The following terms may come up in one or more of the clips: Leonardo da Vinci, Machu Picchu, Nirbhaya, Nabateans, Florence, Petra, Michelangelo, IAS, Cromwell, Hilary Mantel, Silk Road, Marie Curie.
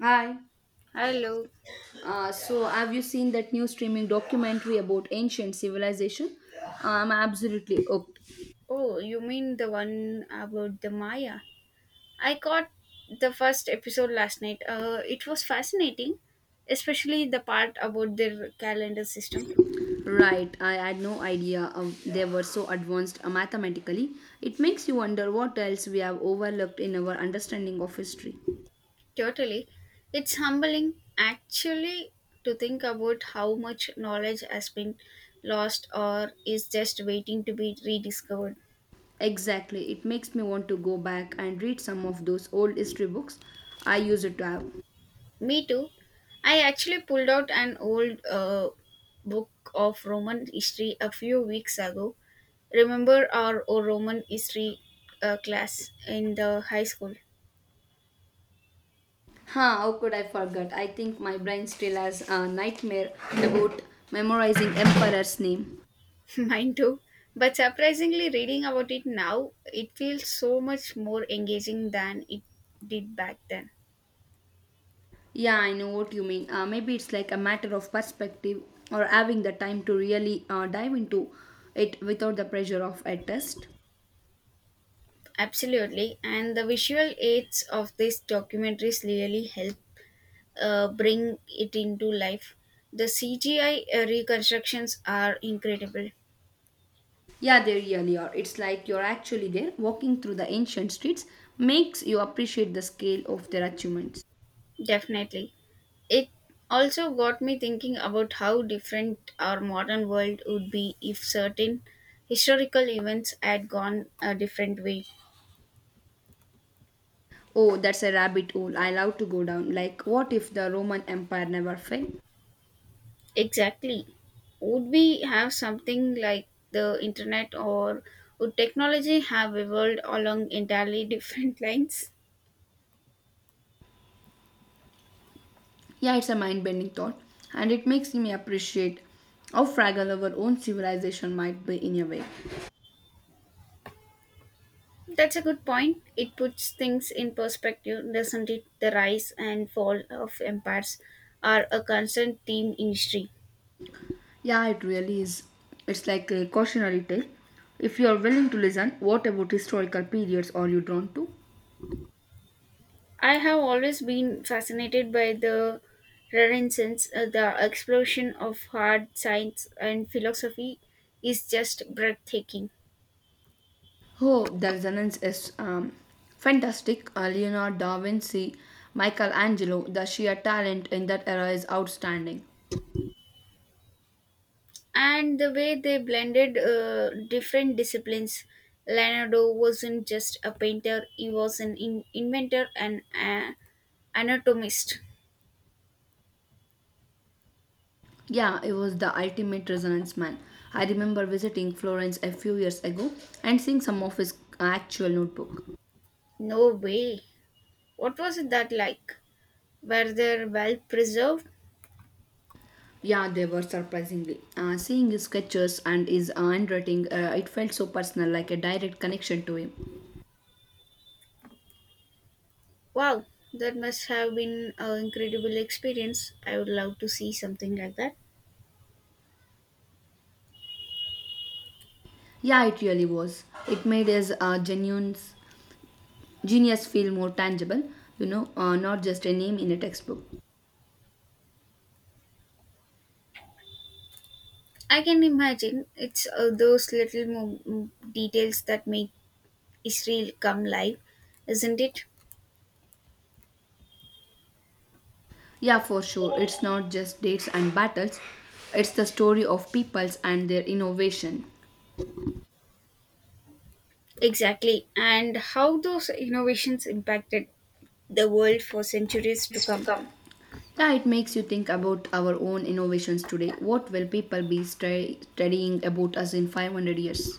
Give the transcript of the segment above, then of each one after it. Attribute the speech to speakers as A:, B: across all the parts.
A: Hi.
B: Hello.
A: So, have you seen that new streaming documentary about ancient civilization? I'm absolutely hooked.
B: Oh, you mean the one about the Maya? I caught the first episode last night. It was fascinating, especially the part about their calendar system.
A: Right, I had no idea, they were so advanced mathematically. It makes you wonder what else we have overlooked in our understanding of history.
B: Totally. It's humbling actually to think about how much knowledge has been lost or is just waiting to be rediscovered.
A: Exactly, it makes me want to go back and read some of those old history books I used to have.
B: Me too. I actually pulled out an old book of Roman history a few weeks ago. Remember Roman history class in the high school?
A: Huh, how could I forget? I think my brain still has a nightmare about memorizing emperor's name.
B: Mine too. But surprisingly, reading about it now, it feels so much more engaging than it did back then.
A: Yeah, I know what you mean. Maybe it's like a matter of perspective or having the time to really dive into it without the pressure of a test.
B: Absolutely, and the visual aids of these documentaries really help bring it into life. The CGI reconstructions are incredible,
A: Yeah, they really are. It's like you're actually there walking through the ancient streets, makes you appreciate the scale of their achievements.
B: definitely. It also got me thinking about how different our modern world would be if certain historical events had gone a different way.
A: Oh, that's a rabbit hole I love to go down. Like, what if the Roman Empire never fell?
B: Exactly. Would we have something like the internet, or would technology have evolved along entirely different lines?
A: Yeah, it's a mind bending thought, and it makes me appreciate how fragile our own civilization might be in a way.
B: That's a good point. It puts things in perspective, doesn't it? The rise and fall of empires are a constant theme in history.
A: Yeah, it really is. It's like a cautionary tale. If you are willing to listen, what about historical periods are you drawn to?
B: I have always been fascinated by the Renaissance, the explosion of hard science and philosophy is just breathtaking.
A: Oh, the resonance is fantastic. Leonardo da Vinci, Michelangelo, the sheer talent in that era is outstanding.
B: And the way they blended different disciplines. Leonardo wasn't just a painter, he was an inventor and anatomist.
A: Yeah, it was the ultimate resonance man. I remember visiting Florence a few years ago and seeing some of his actual notebook.
B: No way. What was it that like? Were they well preserved?
A: Yeah, they were surprisingly. Seeing his sketches and his handwriting, it felt so personal, like a direct connection to him.
B: Wow, that must have been an incredible experience. I would love to see something like that.
A: Yeah, it really was. It made his genuine genius feel more tangible, not just a name in a textbook.
B: I can imagine it's those little details that make Israel come live, isn't it?
A: Yeah, for sure. It's not just dates and battles, it's the story of peoples and their innovation.
B: Exactly. And how those innovations impacted the world for centuries to come.
A: Yeah, it makes you think about our own innovations today. What will people be studying about us in 500 years?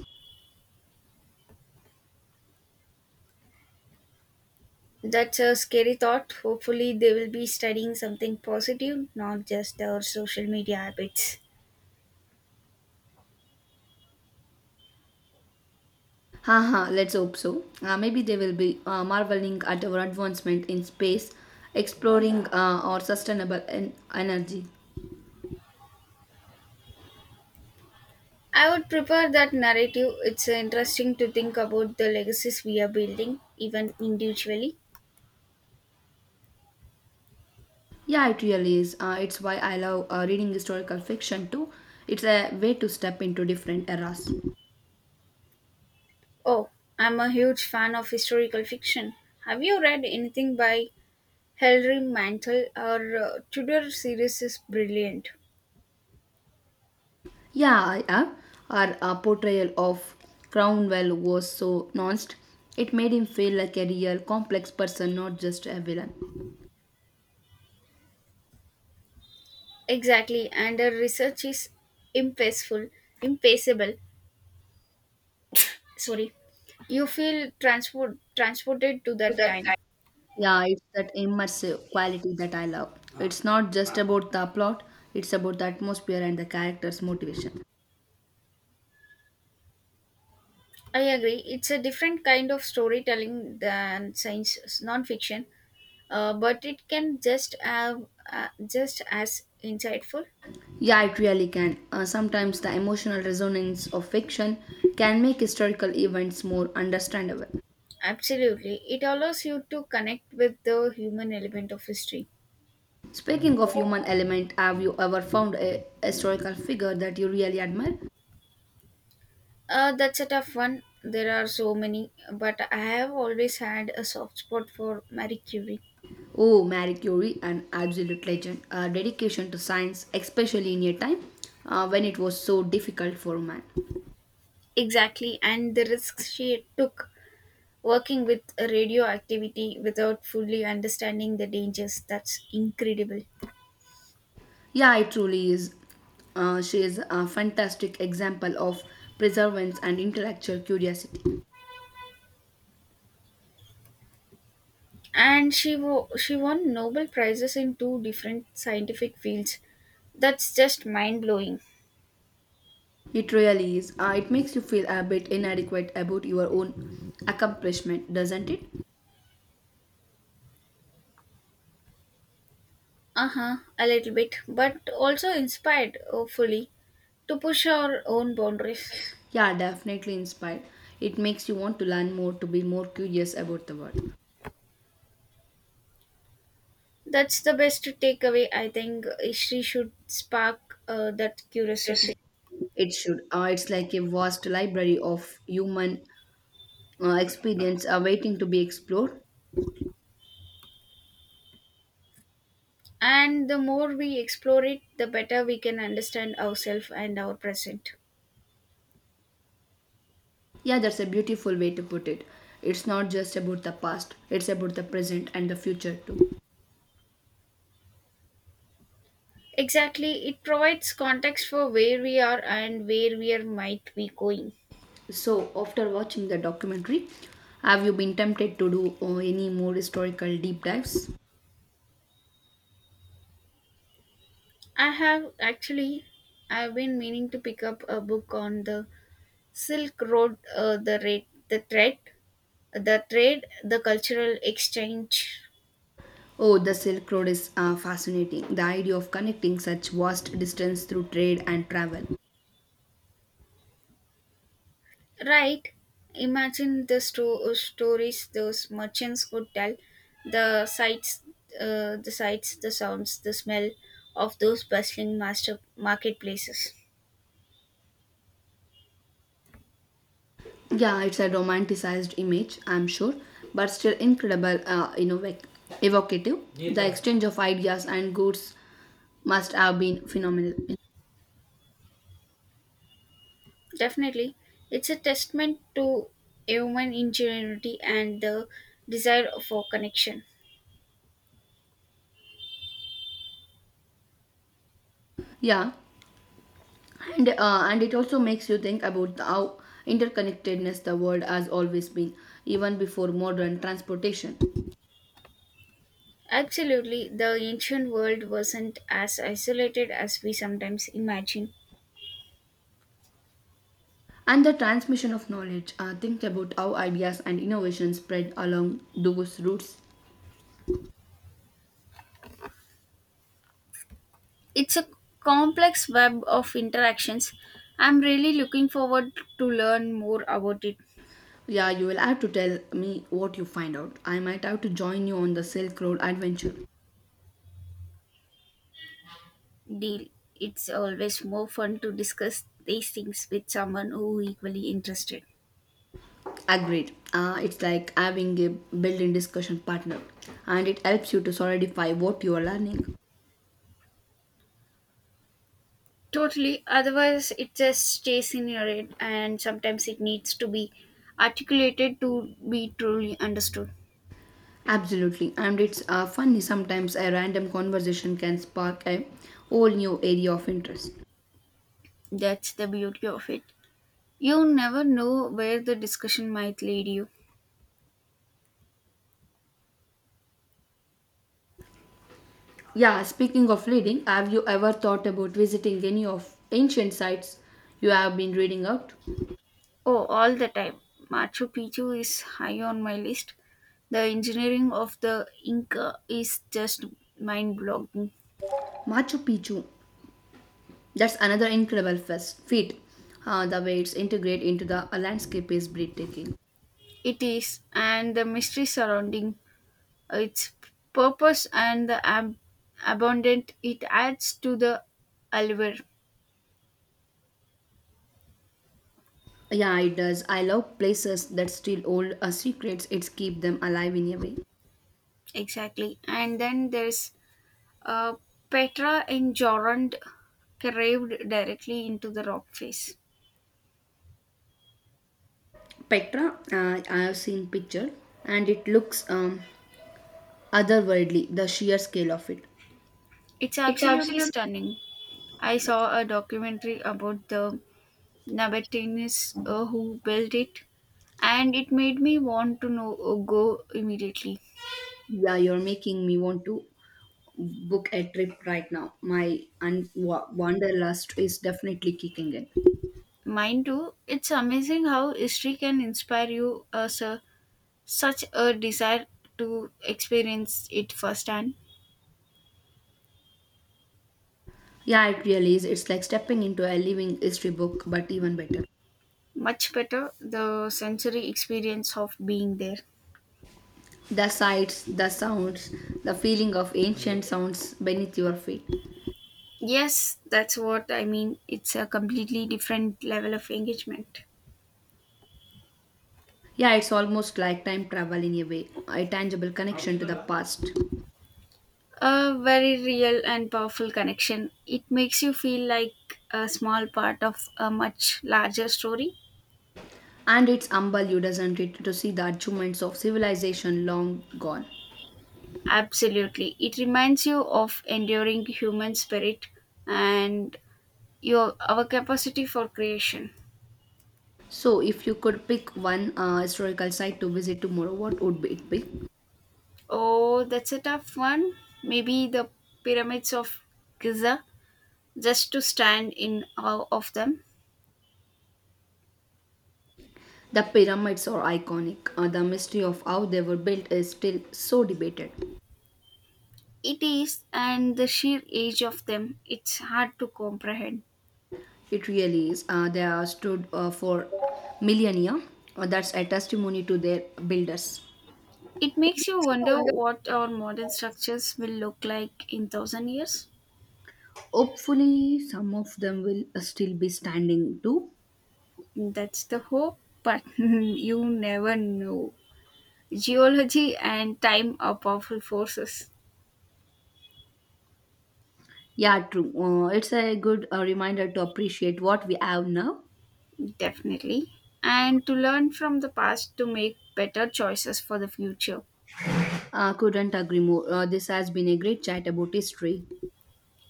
B: That's a scary thought. Hopefully, they will be studying something positive, not just our social media habits.
A: Haha, let's hope so. Maybe they will be marveling at our advancement in space, exploring our sustainable energy.
B: I would prefer that narrative. It's interesting to think about the legacies we are building, even individually.
A: Yeah, it really is. It's why I love reading historical fiction too. It's a way to step into different eras.
B: Oh, I'm a huge fan of historical fiction. Have you read anything by Hilary Mantel? Her Tudor series is brilliant.
A: Yeah, I have. Our portrayal of Cromwell was so nuanced. It made him feel like a real complex person, not just a villain.
B: Exactly, and her research is impactful, impassable. Sorry, you feel transported to that time.
A: Yeah, it's that immersive quality that I love. It's not just about the plot, it's about the atmosphere and the character's motivation.
B: I agree. It's a different kind of storytelling than science non-fiction, but it can just have just as insightful.
A: Yeah, it really can. Sometimes the emotional resonance of fiction can make historical events more understandable.
B: Absolutely, it allows you to connect with the human element of history.
A: Speaking of human element, have you ever found a historical figure that you really admire?
B: That's a tough one. There are so many, but I have always had a soft spot for Marie Curie.
A: Oh, Marie Curie, an absolute legend. Her dedication to science, especially in a time when it was so difficult for man.
B: Exactly, and the risks she took working with radioactivity without fully understanding the dangers, that's incredible.
A: Yeah, it truly is. She is a fantastic example of perseverance and intellectual curiosity.
B: And she won Nobel prizes in two different scientific fields. That's just mind blowing.
A: It really is. It makes you feel a bit inadequate about your own accomplishment, doesn't it?
B: Uh huh, a little bit, but also inspired, hopefully, to push our own boundaries.
A: Yeah, definitely inspired. It makes you want to learn more, to be more curious about the world.
B: That's the best takeaway, I think. History should spark that curiosity.
A: It should. It's like a vast library of human experience waiting to be explored.
B: And the more we explore it, the better we can understand ourselves and our present.
A: Yeah, that's a beautiful way to put it. It's not just about the past, it's about the present and the future too.
B: Exactly, it provides context for where we are and where we are might be going.
A: So, after watching the documentary, have you been tempted to do any more historical deep dives?
B: I have actually I've been meaning to pick up a book on the Silk Road, the trade, the cultural exchange.
A: Oh, the Silk Road is fascinating. The idea of connecting such vast distance through trade and travel.
B: Right? Imagine the stories those merchants could tell, the sights, the sounds, the smell of those bustling master marketplaces.
A: Yeah, it's a romanticized image, I'm sure, but still incredible, you know, like evocative. The exchange of ideas and goods must have been phenomenal.
B: Definitely, it's a testament to human ingenuity and the desire for connection.
A: Yeah, and it also makes you think about how interconnectedness the world has always been even before modern transportation,
B: Absolutely, the ancient world wasn't as isolated as we sometimes imagine.
A: and the transmission of knowledge. Think about how ideas and innovations spread along those routes.
B: It's a complex web of interactions. I'm really looking forward to learn more about it.
A: Yeah, you will have to tell me what you find out. I might have to join you on the Silk Road adventure.
B: Deal. It's always more fun to discuss these things with someone who equally interested.
A: Agreed. It's like having a built-in discussion partner, and it helps you to solidify what you are learning.
B: Totally. Otherwise, it just stays in your head, and sometimes it needs to be articulated to be truly understood.
A: Absolutely, and it's funny, sometimes a random conversation can spark a whole new area of interest.
B: That's the beauty of it. You never know where the discussion might lead you.
A: Yeah, speaking of reading, have you ever thought about visiting any of ancient sites you have been reading out?
B: Oh, all the time. Machu Picchu is high on my list. The engineering of the Inca is just mind blowing.
A: Machu Picchu, that's another incredible feat. The way it's integrated into the landscape is breathtaking.
B: It is, and the mystery surrounding its purpose and the abundant it adds to the allure.
A: Yeah, it does. I love places that still hold secrets. It's keep them alive in a way.
B: Exactly. And then there's uh, Petra in Jorand carved directly into the rock face.
A: Petra, I have seen picture, and it looks otherworldly, the sheer scale of it.
B: It's
A: It's
B: absolutely
A: absolutely.
B: stunning. I saw a documentary about the Nabateans who built it, and it made me want to know go immediately.
A: Yeah, you're making me want to book a trip right now. My wanderlust is definitely kicking in.
B: Mine too. It's amazing how history can inspire you such a desire to experience it firsthand.
A: Yeah, it really is. It's like stepping into a living history book, but even better.
B: Much better the sensory experience of being there.
A: The sights, the sounds, the feeling of ancient sounds beneath your feet.
B: Yes, that's what I mean. It's a completely different level of engagement.
A: Yeah, it's almost like time travel in a way, a tangible connection to the past.
B: A very real and powerful connection. It makes you feel like a small part of a much larger story.
A: And it's humble you, doesn't it, to see the achievements of civilization long gone.
B: Absolutely. It reminds you of enduring human spirit and your our capacity for creation.
A: So, if you could pick one historical site to visit tomorrow, what would it be?
B: Oh, that's a tough one. Maybe the pyramids of Giza just to stand in awe of them.
A: The pyramids are iconic. The mystery of how they were built is still so debated.
B: It is and the sheer age of them. It's hard to comprehend.
A: It really is. They are stood for millennia. That's a testimony to their builders.
B: It makes you wonder what our modern structures will look like in 1,000 years.
A: Hopefully, some of them will still be standing too.
B: That's the hope, but you never know. Geology and time are powerful forces,
A: Yeah, true. It's a good reminder to appreciate what we have now.
B: definitely. And to learn from the past to make better choices for the future.
A: Couldn't agree more. This has been a great chat about history.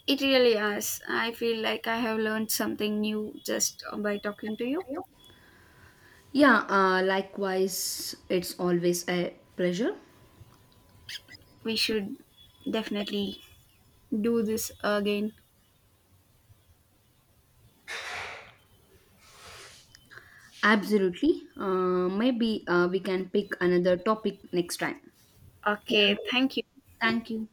B: It really is. I feel like I have learned something new just by talking to you.
A: Yeah, likewise, it's always a pleasure.
B: We should definitely do this again.
A: Absolutely. Maybe we can pick another topic next time. Yeah.
B: Okay, thank you.
A: Thank you.